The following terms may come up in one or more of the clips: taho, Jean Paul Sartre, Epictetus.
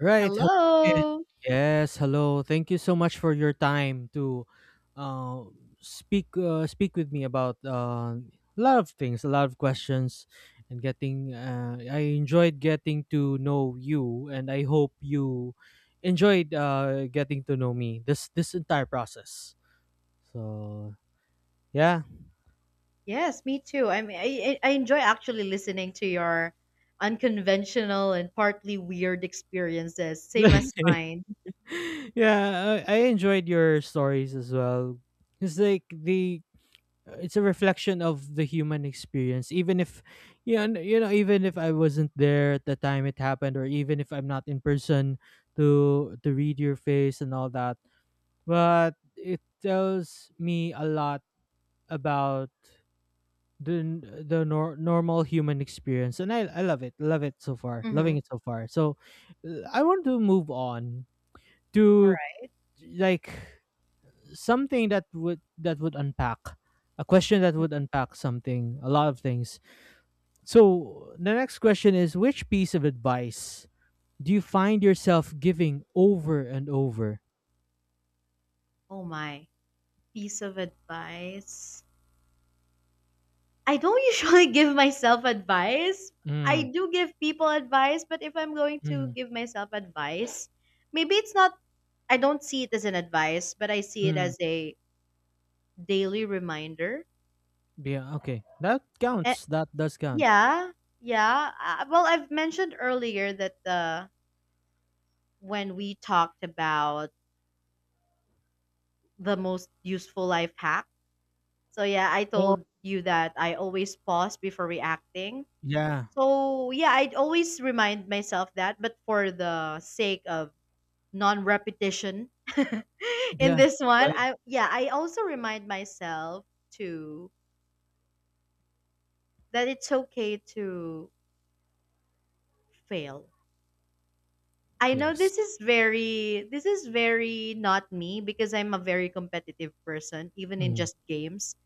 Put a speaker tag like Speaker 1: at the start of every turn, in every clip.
Speaker 1: Right. Hello again.
Speaker 2: Hello.
Speaker 1: Yes. Hello. Thank you so much for your time to uh, speak speak with me about a lot of things, a lot of questions, and getting. I enjoyed getting to know you, and I hope you enjoyed getting to know me. This entire process. So yeah,
Speaker 2: Yes, me too. I mean, I enjoy actually listening to your unconventional and partly weird experiences, same as mine.
Speaker 1: yeah. I enjoyed your stories as well. It's like the it's a reflection of the human experience, even if I wasn't there at the time it happened, or even if I'm not in person to read your face and all that, but it tells me a lot about the n- the nor- normal human experience, and I love it so far, loving
Speaker 2: Mm-hmm.
Speaker 1: it so far. So I want to move on
Speaker 2: All
Speaker 1: to,
Speaker 2: right.
Speaker 1: like, something that would unpack, a question that
Speaker 2: Mm.
Speaker 1: would unpack something, a lot of things. So the next question is: which piece of advice do you find yourself giving over and over?
Speaker 2: Oh my, piece of advice. I don't usually give myself advice. I
Speaker 1: Mm.
Speaker 2: do give people advice, but if I'm going to
Speaker 1: Mm.
Speaker 2: give myself advice, maybe it's not, I don't see it as an advice, but I see it
Speaker 1: Mm.
Speaker 2: as a daily reminder.
Speaker 1: Yeah, okay, that
Speaker 2: A-
Speaker 1: counts, that does count.
Speaker 2: Yeah, yeah. Well, I've mentioned earlier that when we talked about the most useful life hack. So yeah, I
Speaker 1: Oh,
Speaker 2: told you that I always pause before reacting.
Speaker 1: yeah,
Speaker 2: So yeah, I'd always remind myself that, but for the sake of non-repetition in
Speaker 1: yeah.
Speaker 2: this one,
Speaker 1: Right.
Speaker 2: I also remind myself to that it's okay to fail. I know
Speaker 1: Yes.
Speaker 2: this is very not me because I'm a very competitive person even in
Speaker 1: Mm.
Speaker 2: just games.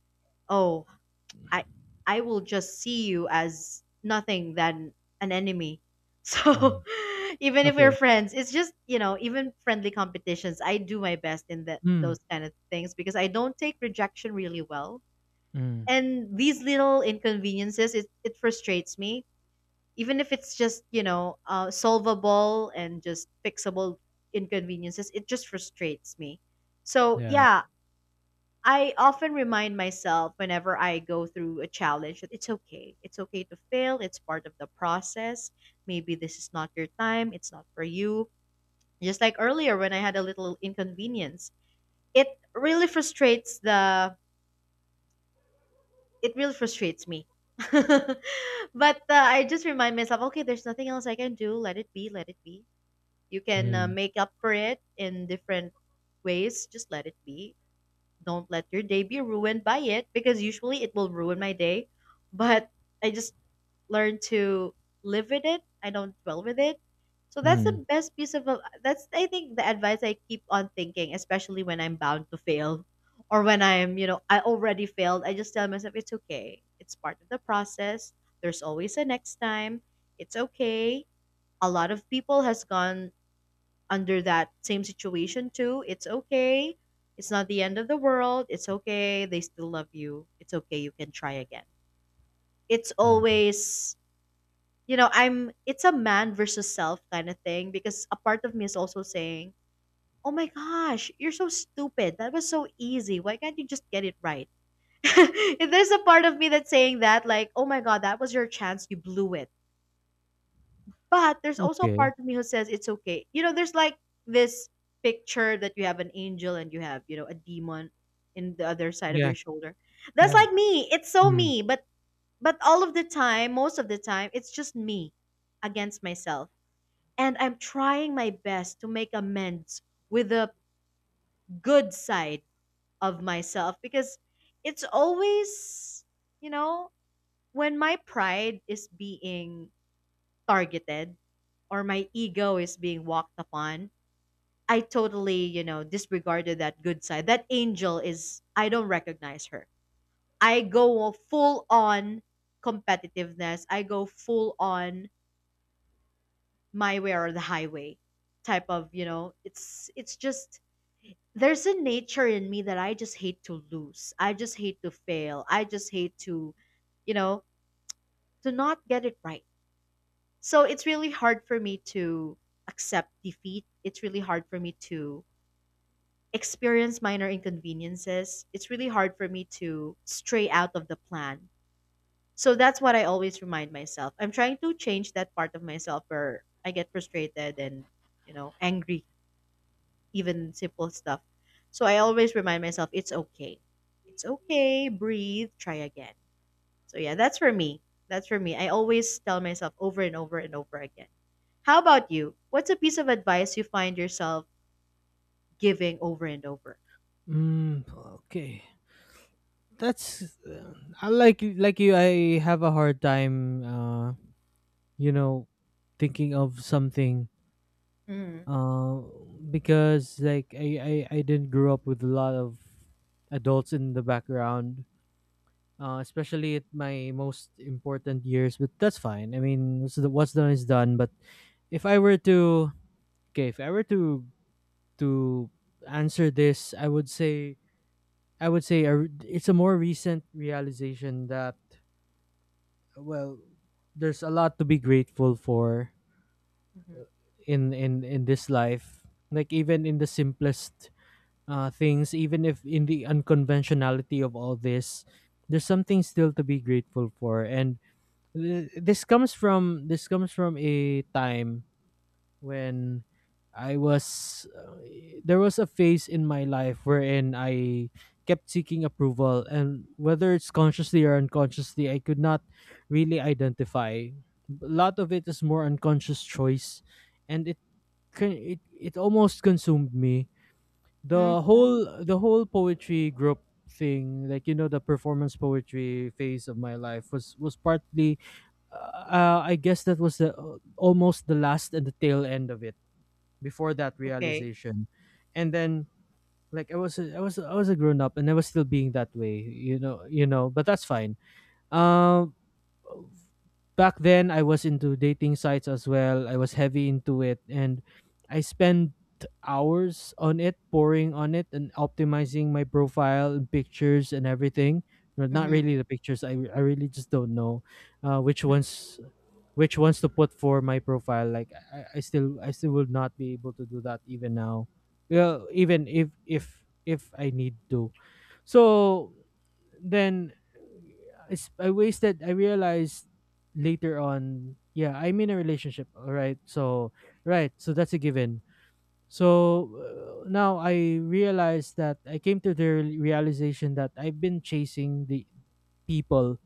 Speaker 2: Oh, I I will just see you as nothing than an enemy.
Speaker 1: Mm.
Speaker 2: So even if we're
Speaker 1: Okay.
Speaker 2: friends, it's just, you know, even friendly competitions, I do my best in that in
Speaker 1: Mm.
Speaker 2: those kind of things because I don't take rejection really well.
Speaker 1: Mm.
Speaker 2: And these little inconveniences, it frustrates me even if it's just, you know, solvable and just fixable inconveniences. It just frustrates me. So
Speaker 1: Yeah.
Speaker 2: yeah, I often remind myself whenever I go through a challenge that it's okay, it's okay to fail. It's part of the process. Maybe this is not your time, it's not for you. Just like earlier when I had a little inconvenience, it really frustrates the it really frustrates me. But uh, I just remind myself, okay, there's nothing else I can do. Let it be, let it be. You can
Speaker 1: Mm.
Speaker 2: make up for it in different ways. Just let it be. Don't let your day be ruined by it because usually it will ruin my day. But I just learned to live with it. I don't dwell with it. So that's the
Speaker 1: Mm.
Speaker 2: best piece of that's, I think, the advice I keep on thinking, especially when I'm bound to fail or when I'm, you know, I already failed. I just tell myself it's okay. It's part of the process. There's always a next time. It's okay. A lot of people has gone under that same situation too. It's okay. It's not the end of the world. It's okay. They still love you. It's okay. You can try again. It's
Speaker 1: Mm.
Speaker 2: always, you know, it's a man versus self kind of thing because a part of me is also saying, oh my gosh, you're so stupid. That was so easy. Why can't you just get it right? If there's a part of me that's saying that, like, oh my God, that was your chance. You blew it. But there's also a
Speaker 1: Okay.
Speaker 2: part of me who says it's okay. You know, there's like this picture that you have an angel and you have, you know, a demon in the other side of
Speaker 1: Yeah,
Speaker 2: your shoulder. That's
Speaker 1: yeah.
Speaker 2: like me. It's so
Speaker 1: Mm.
Speaker 2: me. But all of the time, most of the time, it's just me against myself. And I'm trying my best to make amends with the good side of myself because it's always, you know, when my pride is being targeted or my ego is being walked upon, I totally, you know, disregarded that good side. That angel is, I don't recognize her. I go full on competitiveness. I go full on my way or the highway type of, you know, it's just, there's a nature in me that I just hate to lose. I just hate to fail. I just hate to, you know, to not get it right. So it's really hard for me to accept defeat. It's really hard for me to experience minor inconveniences, it's really hard for me to stray out of the plan. So that's what I always remind myself. I'm trying to change that part of myself where I get frustrated and, you know, angry, even simple stuff. So I always remind myself it's okay. It's okay, breathe, try again. So yeah, that's for me. That's for me. I always tell myself over and over and over again. How about you? What's a piece of advice you find yourself giving over and over?
Speaker 1: Mm. Okay. That's I, like you, I have a hard time you know thinking of something,
Speaker 2: Mm-hmm.
Speaker 1: uh because, like, I didn't grow up with a lot of adults in the background, especially at my most important years, but that's fine. I mean, what's done is done. But if I were to okay if I were to to answer this, I would say — it's a more recent realization that, well, there's a lot to be grateful for in this life, like even in the simplest things. Even if in the unconventionality of all this, there's something still to be grateful for. And this comes from a time when there was a phase in my life wherein I kept seeking approval, and whether it's consciously or unconsciously, I could not really identify. A lot of it is more unconscious choice. And it kin- it almost consumed me. The whole poetry group thing, like, you know, the performance poetry phase of my life was partly — I guess that was the almost the last and the tail end of it, before that
Speaker 2: Okay.
Speaker 1: realization. And then, like, I was a grown up, and I was still being that way, you know, but that's fine. um Back then I was into dating sites as well. I was heavy into it, and I spent hours on it, pouring on it and optimizing my profile and pictures and everything. Well, not
Speaker 2: Mhm,
Speaker 1: really the pictures. I really just don't know uh, which
Speaker 2: mhm,
Speaker 1: ones which ones to put for my profile. Like, I still would not be able to do that, even now. Well, even if I need to. So then — it's I wasted I realized later on, yeah, I'm in a relationship, all right. So that's a given. So now I realized that I came to the realization that I've been chasing the people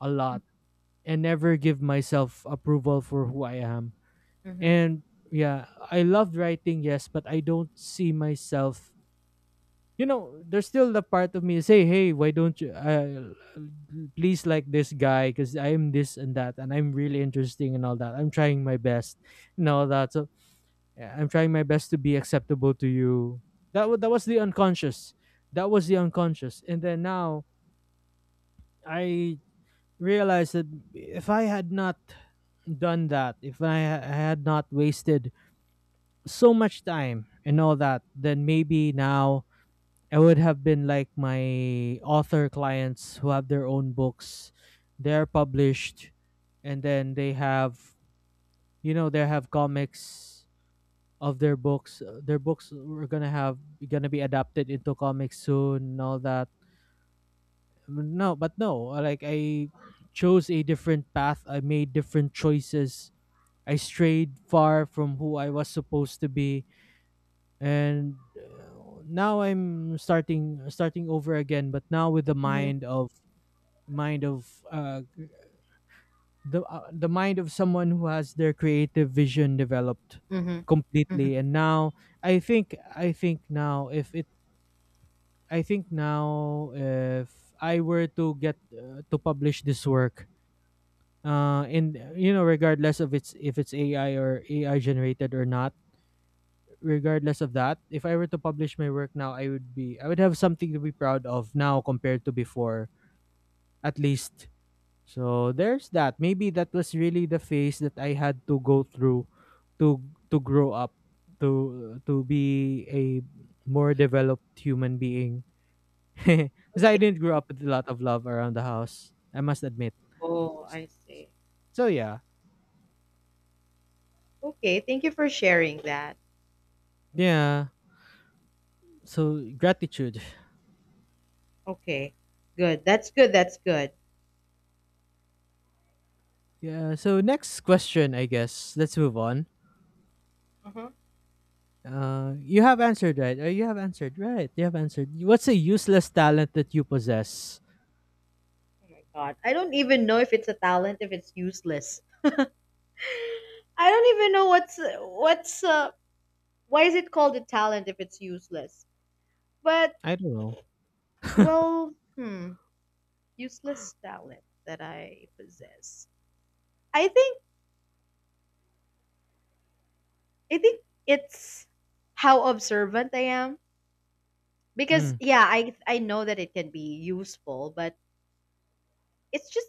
Speaker 1: a lot, and never give myself approval for who I am.
Speaker 2: mhm,
Speaker 1: And yeah, I loved writing, yes, but I don't see myself. You know, there's still the part of me say, hey, why don't you please like this guy because I'm this and that and I'm really interesting and all that. I'm trying my best and all that. So yeah, I'm trying my best to be acceptable to you. That was the unconscious. That was the unconscious. And then now I realized that if I had not done that, if I had not wasted so much time and all that, then maybe now I would have been like my author clients who have their own books. They're published, and then they have comics of their books. Their books were gonna have gonna be adapted into comics soon and all that. No, but no, like, I chose a different path. I made different choices. I strayed far from who I was supposed to be, and now I'm starting over again, but now with the
Speaker 2: mhm,
Speaker 1: mind of the mind of someone who has their creative vision developed
Speaker 2: mhm, mhm.
Speaker 1: completely. And now i think i think now if it I think now if I were to get to publish this work, and, you know, regardless of it's if it's AI or AI generated or not, regardless of that, if I were to publish my work now, I would have something to be proud of now compared to before, at least. So there's that. Maybe that was really the phase that I had to go through to grow up, to be a more developed human being. Because I
Speaker 2: Okay.
Speaker 1: didn't grow up with a lot of love around the house, I must admit.
Speaker 2: Oh, I see.
Speaker 1: So yeah.
Speaker 2: Okay, thank you for sharing that.
Speaker 1: Yeah. So, gratitude.
Speaker 2: Okay. Good. That's good. That's good.
Speaker 1: Yeah. So, next question, I guess. Let's move on.
Speaker 2: Uh-huh.
Speaker 1: You have answered, right. You have answered. What's a useless talent that you possess?
Speaker 2: Oh my god. I don't even know if it's a talent if it's useless. I don't even know what's why is it called a talent if it's useless? But
Speaker 1: I don't know.
Speaker 2: well, hmm, useless talent that I possess. I think I think it's how observant I am. Because,
Speaker 1: Mm.
Speaker 2: yeah, I know that it can be useful, but it's just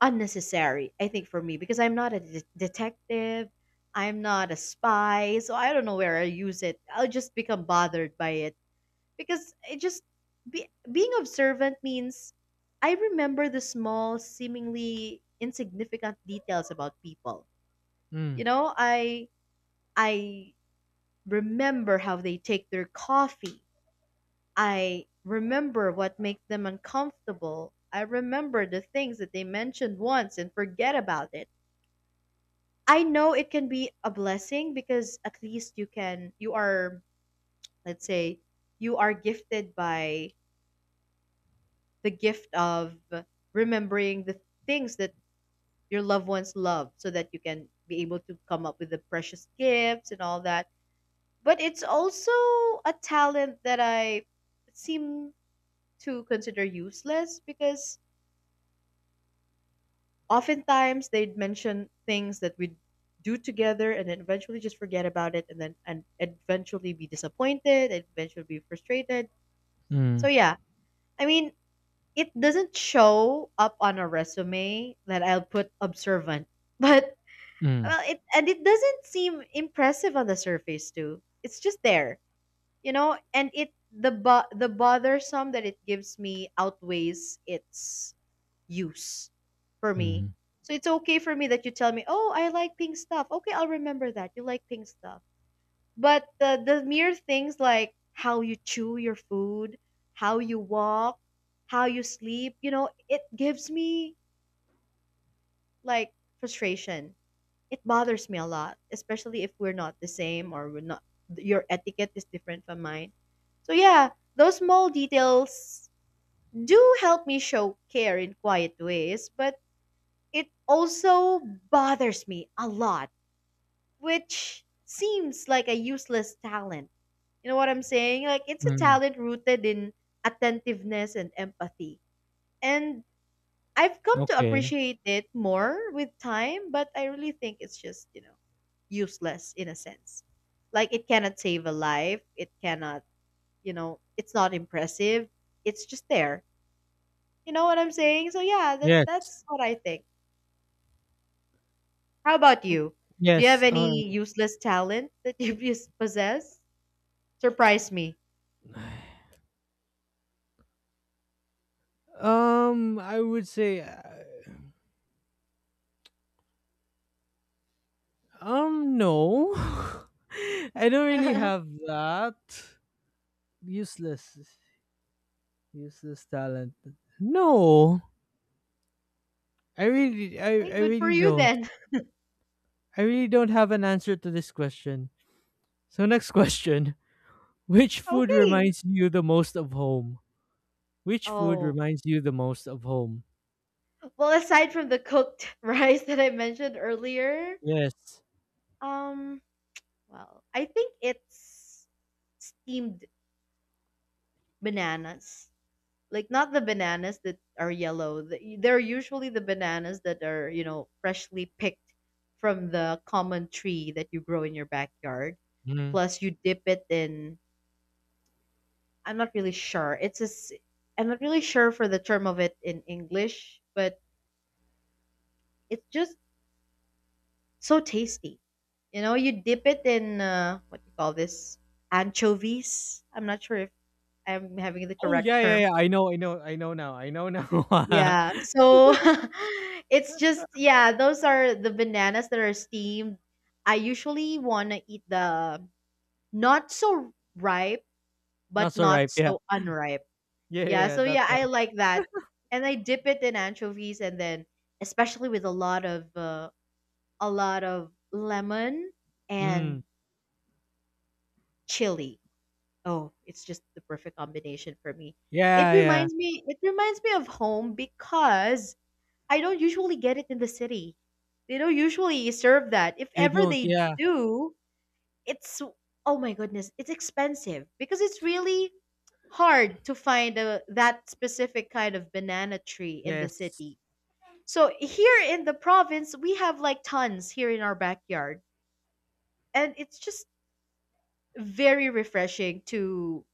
Speaker 2: unnecessary, I think, for me because I'm not a detective. I'm not a spy, so I don't know where I use it. I'll just become bothered by it because it just being observant means I remember the small, seemingly insignificant details about people. You
Speaker 1: Mm.
Speaker 2: know, I remember how they take their coffee. I remember what makes them uncomfortable. I remember the things that they mentioned once and forget about it. I know it can be a blessing because at least you can, you are, let's say, you are gifted by the gift of remembering the things that your loved ones love so that you can be able to come up with the precious gifts and all that. But it's also a talent that I seem to consider useless because oftentimes they'd mention things that we'd do together and then eventually just forget about it and then and eventually be disappointed and eventually be frustrated. So
Speaker 1: Mm.
Speaker 2: yeah, I mean, it doesn't show up on a resume that I'll put observant, but,
Speaker 1: Mm.
Speaker 2: well, it doesn't seem impressive on the surface too. It's just there. You know, and it the bothersome that it gives me outweighs its use for me.
Speaker 1: Mm.
Speaker 2: So it's okay for me that you tell me, "Oh, I like pink stuff." Okay, I'll remember that. You like pink stuff. But the mere things like how you chew your food, how you walk, how you sleep, you know, it gives me like frustration. It bothers me a lot, especially if we're not the same or we're not your etiquette is different from mine. So yeah, those small details do help me show care in quiet ways, but it also bothers me a lot, which seems like a useless talent. You know what I'm saying? Like, it's a
Speaker 1: Mm.
Speaker 2: talent rooted in attentiveness and empathy. And I've come to
Speaker 1: Okay.
Speaker 2: appreciate it more with time, but I really think it's just, you know, useless in a sense. Like, it cannot save a life. It cannot, you know, it's not impressive. It's just there. You know what I'm saying? So, yeah, that,
Speaker 1: Yes.
Speaker 2: that's what I think. How about you? Do you have
Speaker 1: Yes.
Speaker 2: any
Speaker 1: All right.
Speaker 2: useless talent that you possess? Surprise me.
Speaker 1: I would say, no. I don't really
Speaker 2: Okay,
Speaker 1: have that useless, useless talent. No, I really, I, I
Speaker 2: good for
Speaker 1: really
Speaker 2: you
Speaker 1: don't.
Speaker 2: then.
Speaker 1: I really don't have an answer to this question. So next question. Which food
Speaker 2: Okay.
Speaker 1: reminds you the most of home? Which food
Speaker 2: Oh.
Speaker 1: reminds you the most of home?
Speaker 2: Well, aside from the cooked rice that I mentioned earlier,
Speaker 1: Yes.
Speaker 2: um, well, I think it's steamed bananas. Like not the bananas that are yellow. They're usually the bananas that are, you know, freshly picked from the common tree that you grow in your backyard.
Speaker 1: Mhm.
Speaker 2: Plus you dip it in. I'm not really sure. I'm not really sure for the term of it in English, but it's just so tasty. You know, you dip it in, what do you call this? Anchovies. I'm not sure if I'm having the
Speaker 1: Oh,
Speaker 2: correct
Speaker 1: yeah, yeah,
Speaker 2: term.
Speaker 1: yeah. I know, I know, I know now. I know now.
Speaker 2: Yeah. So it's just, yeah, those are the bananas that are steamed. I usually want to eat the not so ripe
Speaker 1: Not
Speaker 2: but
Speaker 1: so
Speaker 2: not
Speaker 1: ripe. Yeah.
Speaker 2: so unripe.
Speaker 1: Yeah, yeah,
Speaker 2: Yeah,
Speaker 1: yeah,
Speaker 2: so
Speaker 1: that
Speaker 2: yeah, I
Speaker 1: one.
Speaker 2: like that. And I dip it in anchovies and then especially with a lot of lemon
Speaker 1: Mm.
Speaker 2: and chili. Oh, it's just the perfect combination for me. It
Speaker 1: Yeah, yeah.
Speaker 2: reminds me it reminds me of home because I don't usually get it in the city. They don't usually serve that. If
Speaker 1: They
Speaker 2: ever
Speaker 1: don't.
Speaker 2: they
Speaker 1: Yeah.
Speaker 2: do, it's oh my goodness, it's expensive because it's really hard to find that specific kind of banana tree in the
Speaker 1: Yes.
Speaker 2: city. So here in the province, we have like tons here in our backyard, and it's just very refreshing to,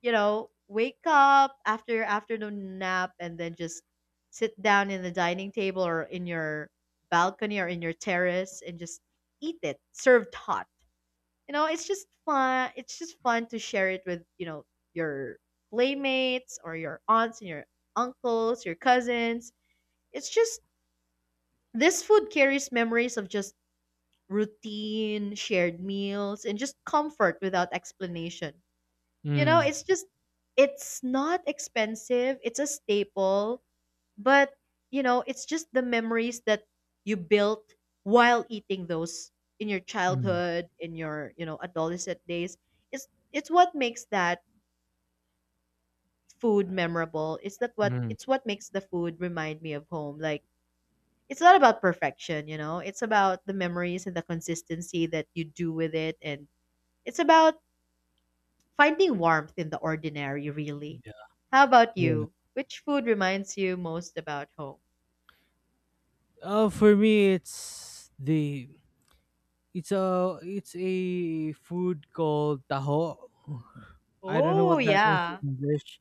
Speaker 2: you know, wake up after your afternoon nap and then just sit down in the dining table or in your balcony or in your terrace and just eat it served hot. It's just fun, it's just fun to share it with, your playmates or your aunts and your uncles, your cousins. It's just, this food carries memories of just routine shared meals and just comfort without explanation.
Speaker 1: Mm.
Speaker 2: It's just, it's not expensive, it's a staple, but, it's just the memories that you built while eating those in your
Speaker 1: Mm.
Speaker 2: childhood, in your, adolescent days. It's what makes that food memorable. It's that
Speaker 1: Mm.
Speaker 2: what makes the food remind me of home. Like it's not about perfection, you know. It's about the memories and the consistency that you do with it, and it's about finding warmth in the ordinary, really.
Speaker 1: Yeah.
Speaker 2: How about
Speaker 1: Yeah.
Speaker 2: you? Which food reminds you most about home?
Speaker 1: Oh, for me, it's the it's a food called taho. I don't know
Speaker 2: Oh,
Speaker 1: what that is
Speaker 2: yeah.
Speaker 1: in English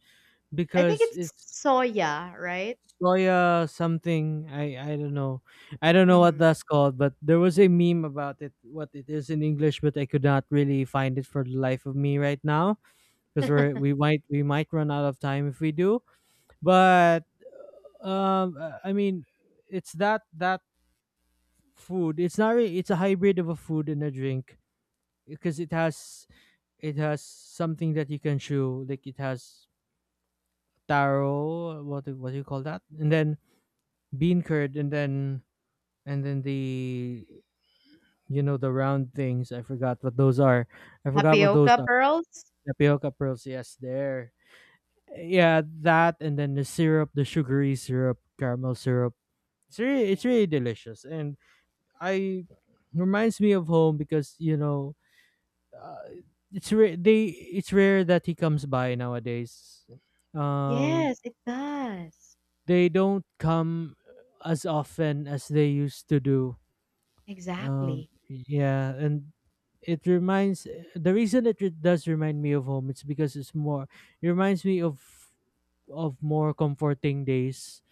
Speaker 2: I think
Speaker 1: because
Speaker 2: it's
Speaker 1: it's
Speaker 2: soya, right?
Speaker 1: soya something. I don't know. I don't know what
Speaker 2: Mhm.
Speaker 1: that's called, but there was a meme about it, what it is in English, but I could not really find it for the life of me right now because we might run out of time if we do. But I mean, it's that food. It's not really — it's a hybrid of a food and a drink because it has something that you can chew. Like it has taro. What do you call that? And then bean curd, and then the, round things. I forgot what those
Speaker 2: Tapioca
Speaker 1: are.
Speaker 2: pearls?
Speaker 1: Tapioca pearls, yes, there. Yeah, that. And then the syrup, the sugary syrup, caramel syrup. it's really it's
Speaker 2: Yeah.
Speaker 1: really delicious. And I reminds me of home because, you know, uh, it's rare they it's rare that he comes by nowadays. um
Speaker 2: Yes, it does.
Speaker 1: they don't come as often as they used to do.
Speaker 2: Exactly.
Speaker 1: Yeah, and it reminds the reason it does remind me of home — it's because it's more. It reminds me of more comforting days,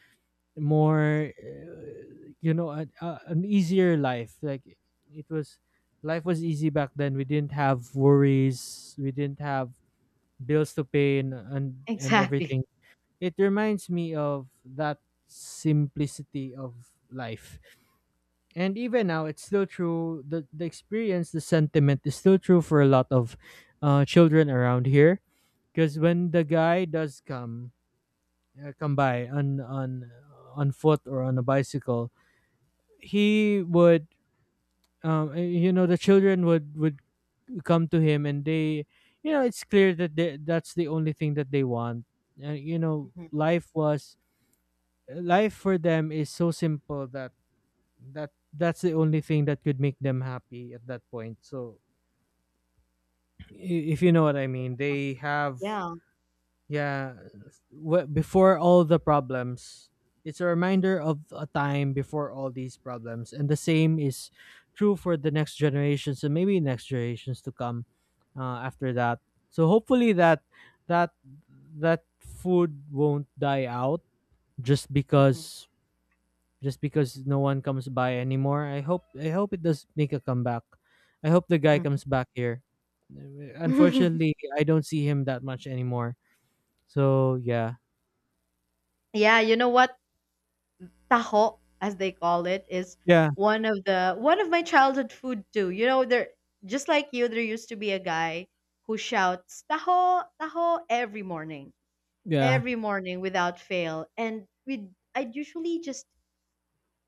Speaker 2: Yes.
Speaker 1: more an easier life. Like, it was, life was easy back then. We didn't have worries. We didn't have bills to pay and
Speaker 2: Exactly.
Speaker 1: everything. It reminds me of that simplicity of life, and even now, it's still true. The experience, the sentiment is still true for a lot of children around here. Because when the guy does come, by on foot or on a bicycle, he would — the children would come to him, and it's clear that that's the only thing that they want. Uh, you know,
Speaker 2: Mhm.
Speaker 1: life was Life for them is so simple that that's the only thing that could make them happy at that point. So, if you know what I mean. They have
Speaker 2: Yeah.
Speaker 1: Yeah, before all the problems, it's a reminder of a time before all these problems, and the same is true for the next generations, and maybe next generations to come, after that. So hopefully that that that food won't die out, just
Speaker 2: Mhm.
Speaker 1: because no one comes by anymore. I hope it does make a comeback. I hope the guy comes back here. Unfortunately, I don't see him that much anymore. So yeah,
Speaker 2: Yeah, you know what? Taho, as they call it, is
Speaker 1: yeah,
Speaker 2: one of my childhood food too. You know, there, just like you, there used to be a guy who shouts taho, taho every morning.
Speaker 1: yeah.
Speaker 2: Every morning without fail. And we I'd usually just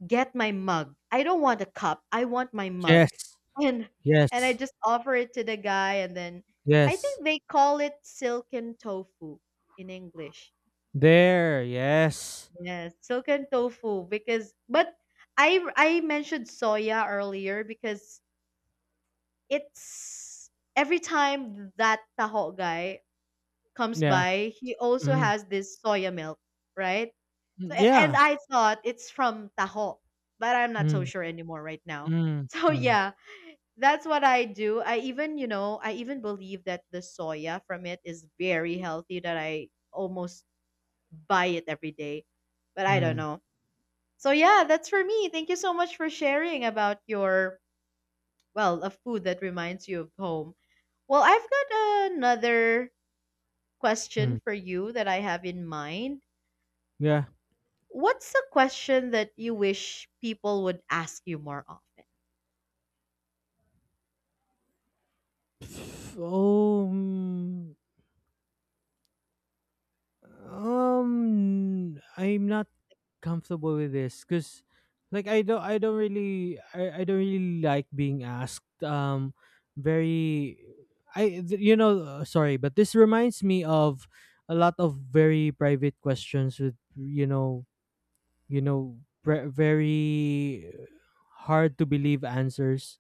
Speaker 2: get my mug. I don't want a cup. I want my
Speaker 1: Yes,
Speaker 2: mug. And and I
Speaker 1: yes,
Speaker 2: just offer it to the guy, and then I
Speaker 1: yes.
Speaker 2: think they call it silken tofu in English.
Speaker 1: There, yes.
Speaker 2: Yes, silken tofu, because but I mentioned soya earlier because it's every time that taho guy comes
Speaker 1: Yeah.
Speaker 2: by, he also
Speaker 1: Mm.
Speaker 2: has this soya milk, right?
Speaker 1: Mm.
Speaker 2: So and
Speaker 1: Yeah.
Speaker 2: I thought it's from taho, but I'm not so
Speaker 1: Mm.
Speaker 2: sure anymore right now.
Speaker 1: Mm.
Speaker 2: So
Speaker 1: Mm.
Speaker 2: yeah, that's what I do. I even, you know, I even believe that the soya from it is very healthy that I almost buy it every day. But I don't
Speaker 1: Mm.
Speaker 2: know. So yeah, that's for me. Thank you so much for sharing about your, well, a food that reminds you of home. Well, I've got another question
Speaker 1: Mm.
Speaker 2: for you that I have in mind.
Speaker 1: Yeah.
Speaker 2: What's a question that you wish people would ask you more often?
Speaker 1: Oh. Mm. I'm not comfortable with this because, like, I don't really like being asked. Very, I, th- you know, Sorry, but this reminds me of a lot of very private questions with, very hard to believe answers.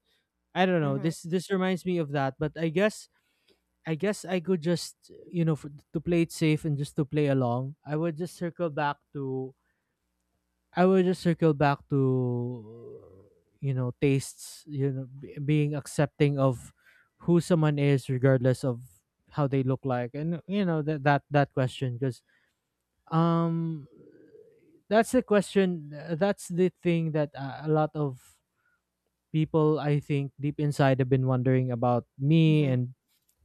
Speaker 1: I don't know.
Speaker 2: Mhm.
Speaker 1: This reminds me of that, but I guess I could just, for, to play it safe and just to play along. I would just circle back to, you know, tastes, you know, being accepting of who someone is regardless of how they look like, and you know, that question because um that's the question, that's the thing that a lot of people, I think, deep inside have been wondering about me
Speaker 2: Mhm.
Speaker 1: and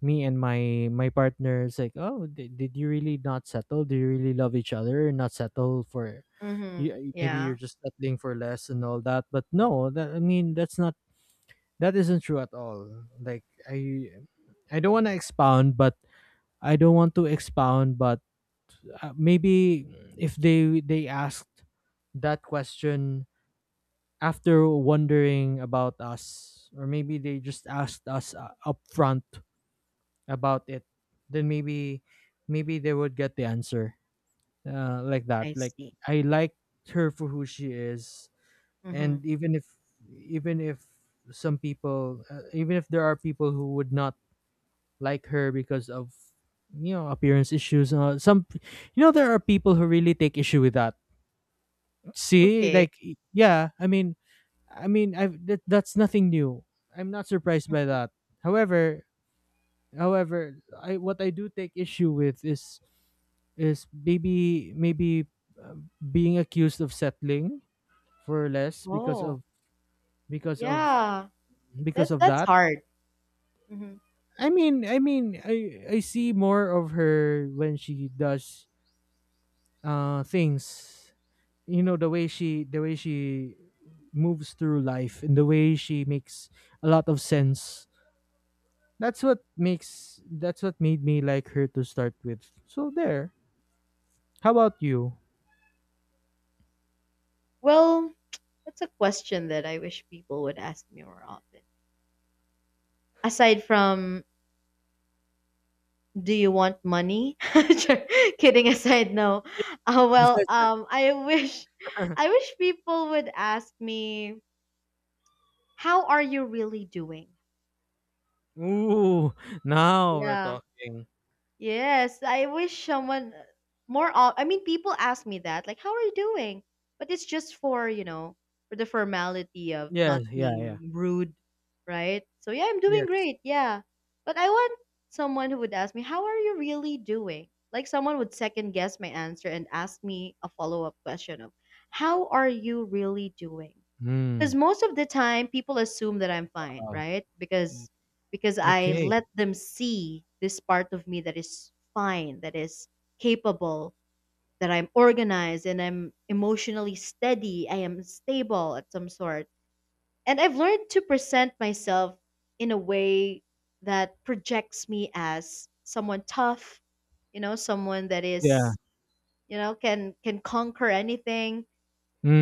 Speaker 1: me and my partner is like, oh, did you really not settle? Do you really love each other? And not settle for you,
Speaker 2: Mhm.
Speaker 1: maybe
Speaker 2: Yeah,
Speaker 1: you're just settling for less and all that. But no, that I mean that's not that isn't true at all. Like I I don't want to expound, but I don't want to expound, but maybe if they asked that question after wondering about us, or maybe they just asked us up front about it, then maybe they would get the answer, like that.
Speaker 2: I
Speaker 1: Like
Speaker 2: see.
Speaker 1: I like her for who she is, and
Speaker 2: Mhm.
Speaker 1: even if some people, even if there are people who would not like her because of, you know, appearance issues, some, you know, there are people who really take issue with that. See,
Speaker 2: Okay.
Speaker 1: like yeah, I mean, I mean I that, that's nothing new. I'm not surprised by that. However, I, what I do take issue with is maybe maybe uh, being accused of settling for less because
Speaker 2: Oh.
Speaker 1: of, because of
Speaker 2: Yeah,
Speaker 1: because of
Speaker 2: that's
Speaker 1: that.
Speaker 2: hard. Mhm.
Speaker 1: I mean, I see more of her when she does things. You know, the way she moves through life and the way she makes a lot of sense. That's what made me like her to start with. So there. How about you?
Speaker 2: Well, that's a question that I wish people would ask me more often. Aside from, do you want money? Kidding aside, no. Uh, well,
Speaker 1: Besides that.
Speaker 2: um, I wish, I wish people would ask me, how are you really doing?
Speaker 1: Ooh, now we're
Speaker 2: Yeah.
Speaker 1: talking.
Speaker 2: Yes, I wish someone more. I mean, people ask me that, like, "How are you doing?" But it's just for, you know, for the formality of
Speaker 1: Yes,
Speaker 2: not
Speaker 1: yeah, yeah.
Speaker 2: being rude, right? So yeah, I'm doing
Speaker 1: Yes.
Speaker 2: great. Yeah, but I want someone who would ask me, "How are you really doing?" Like someone would second guess my answer and ask me a follow up question of, "How are you really doing?" Because
Speaker 1: Mm.
Speaker 2: most of the time people assume that I'm fine,
Speaker 1: Wow.
Speaker 2: right?
Speaker 1: Mm.
Speaker 2: Because I
Speaker 1: Okay.
Speaker 2: let them see this part of me that is fine, that is capable, that I'm organized and I'm emotionally steady, I am stable at some sort. And I've learned to present myself in a way that projects me as someone tough, you know, someone that
Speaker 1: Yeah.
Speaker 2: is, you know, can conquer anything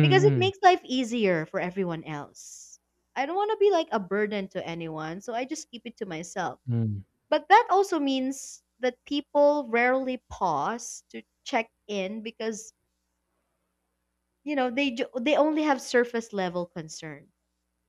Speaker 2: because it makes life easier for everyone else. I don't want to be like a burden to anyone, so I just keep it to myself.
Speaker 1: mm, mm.
Speaker 2: But that also means that people rarely pause to check in because, you know, they only have surface level concern,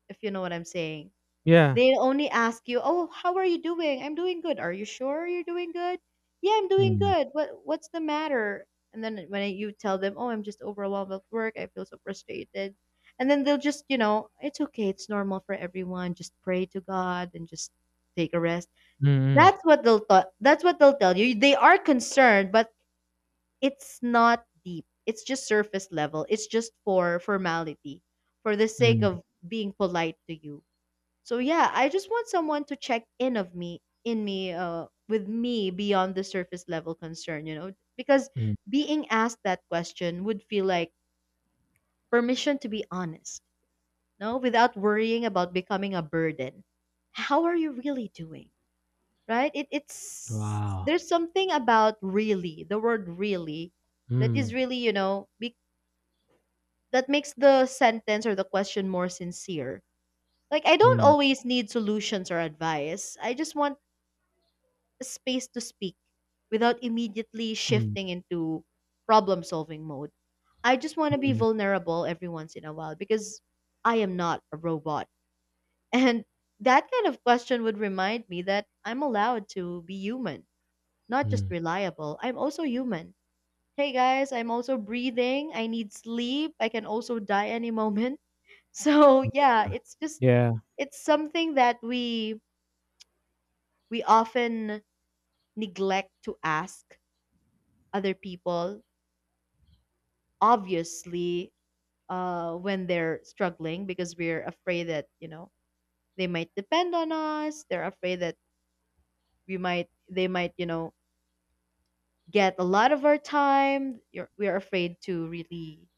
Speaker 2: if you know what I'm saying.
Speaker 1: Yeah.
Speaker 2: They only ask you, "Oh, how are you doing?" "I'm doing good." "Are you sure you're doing good?" "Yeah, I'm doing
Speaker 1: Mm.
Speaker 2: good. What's the matter?" And then when you tell them, "Oh, I'm just overwhelmed with work. I feel so frustrated." And then they'll just, you know, "It's okay. It's normal for everyone. Just pray to God and just take a rest."
Speaker 1: Mm,
Speaker 2: That's what they'll tell you. They are concerned, but it's not deep. It's just surface level. It's just for formality, for the
Speaker 1: mm,
Speaker 2: sake
Speaker 1: mm,
Speaker 2: of being polite to you. So yeah, I just want someone to check in of me in me with me beyond the surface level concern, you know, because
Speaker 1: mm.
Speaker 2: being asked that question would feel like permission to be honest, no, without worrying about becoming a burden. How are you really doing? Right? It's
Speaker 1: Wow.
Speaker 2: there's something about really, the word really, that is
Speaker 1: Mm,
Speaker 2: really, that makes the sentence or the question more sincere. Like I don't
Speaker 1: mm,
Speaker 2: always need solutions or advice. I just want space to speak without immediately
Speaker 1: mm,
Speaker 2: shifting into problem solving mode. I just want to be
Speaker 1: mm,
Speaker 2: vulnerable every once in a while because I am not a robot. And that kind of question would remind me that I'm allowed to be human, not just
Speaker 1: mm.
Speaker 2: reliable. I'm also human. Hey guys, I'm also breathing. I need sleep. I can also die any moment. So, yeah, it's just
Speaker 1: Yeah.
Speaker 2: it's something that we often neglect to ask other people, obviously, when they're struggling, because we're afraid that, you know, they might depend on us, they're afraid that we might they might, you know, get a lot of our time. We're afraid to really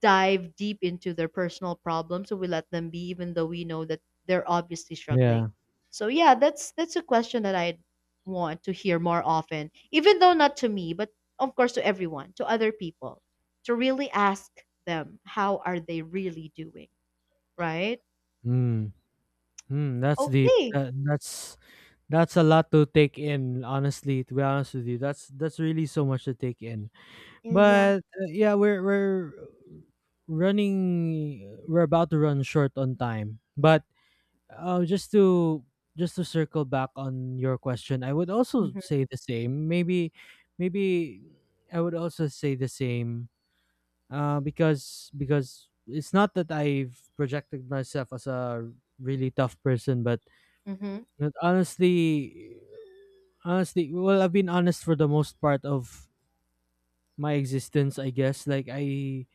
Speaker 2: dive deep into their personal problems, so we let them be, even though we know that they're obviously struggling.
Speaker 1: Yeah.
Speaker 2: So yeah, that's a question that I want to hear more often, even though not to me, but of course to everyone, to other people, to really ask them how are they really doing, right?
Speaker 1: Mm. Mm, that's deep.
Speaker 2: Okay.
Speaker 1: That's a lot to take in, honestly, to be honest with you. That's really so much to take in.
Speaker 2: Yeah.
Speaker 1: But yeah, we're about to run short on time. But Uh, just to just to circle back on your question, I would also
Speaker 2: Mm-hmm.
Speaker 1: say the same. Maybe I would also say the same. Because it's not that I've projected myself as a really tough person, but
Speaker 2: Mm-hmm.
Speaker 1: honestly, well, I've been honest for the most part of my existence. I guess, like,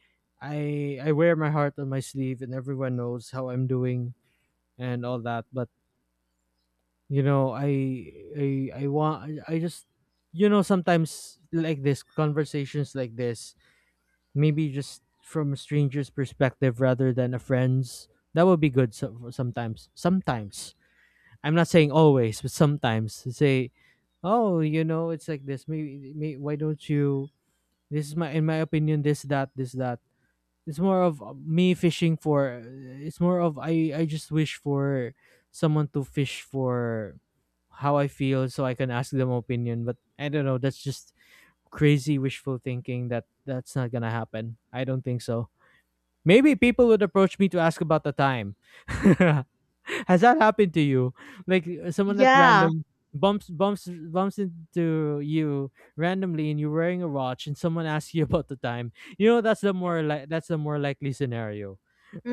Speaker 1: I wear my heart on my sleeve and everyone knows how I'm doing and all that. But you know, I I want I just, you know, sometimes, like, this conversations like this, maybe just from a stranger's perspective rather than a friend's, that would be good. So, sometimes, I'm not saying always, but sometimes to say, oh, you know, it's like this, why don't you, this is my, in my opinion, this that, it's more of uh, me fishing for it's more of, I just wish for someone to fish for how I feel so I can ask them opinion. But I don't know, that's just crazy wishful thinking. That that's not gonna happen, I don't think so. Maybe people would approach me to ask about the time. Has that happened to you? Like, someone at
Speaker 2: Yeah.
Speaker 1: random bumps into you randomly and you're wearing a watch and someone asks you about the time. You know, that's the more likely scenario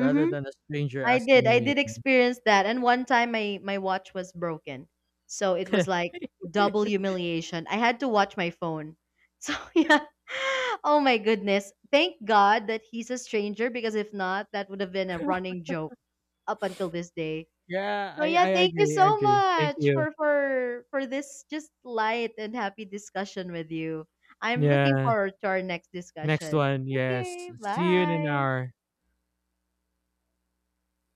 Speaker 1: rather than a stranger
Speaker 2: I did.
Speaker 1: asking
Speaker 2: I
Speaker 1: you.
Speaker 2: did experience that. And one time my my watch was broken. So it was like double humiliation. I had to watch my phone. So yeah. Oh my goodness. Thank God that he's a stranger because if not, that would have been a running joke up until this day.
Speaker 1: Yeah,
Speaker 2: So yeah,
Speaker 1: I
Speaker 2: thank you
Speaker 1: agree, I
Speaker 2: so
Speaker 1: agree. Thank
Speaker 2: much
Speaker 1: you.
Speaker 2: for this just light and happy discussion with you. I'm looking
Speaker 1: Yeah.
Speaker 2: forward to our next
Speaker 1: Next
Speaker 2: discussion.
Speaker 1: one. Yes.
Speaker 2: Okay,
Speaker 1: See you in an
Speaker 2: bye.
Speaker 1: hour.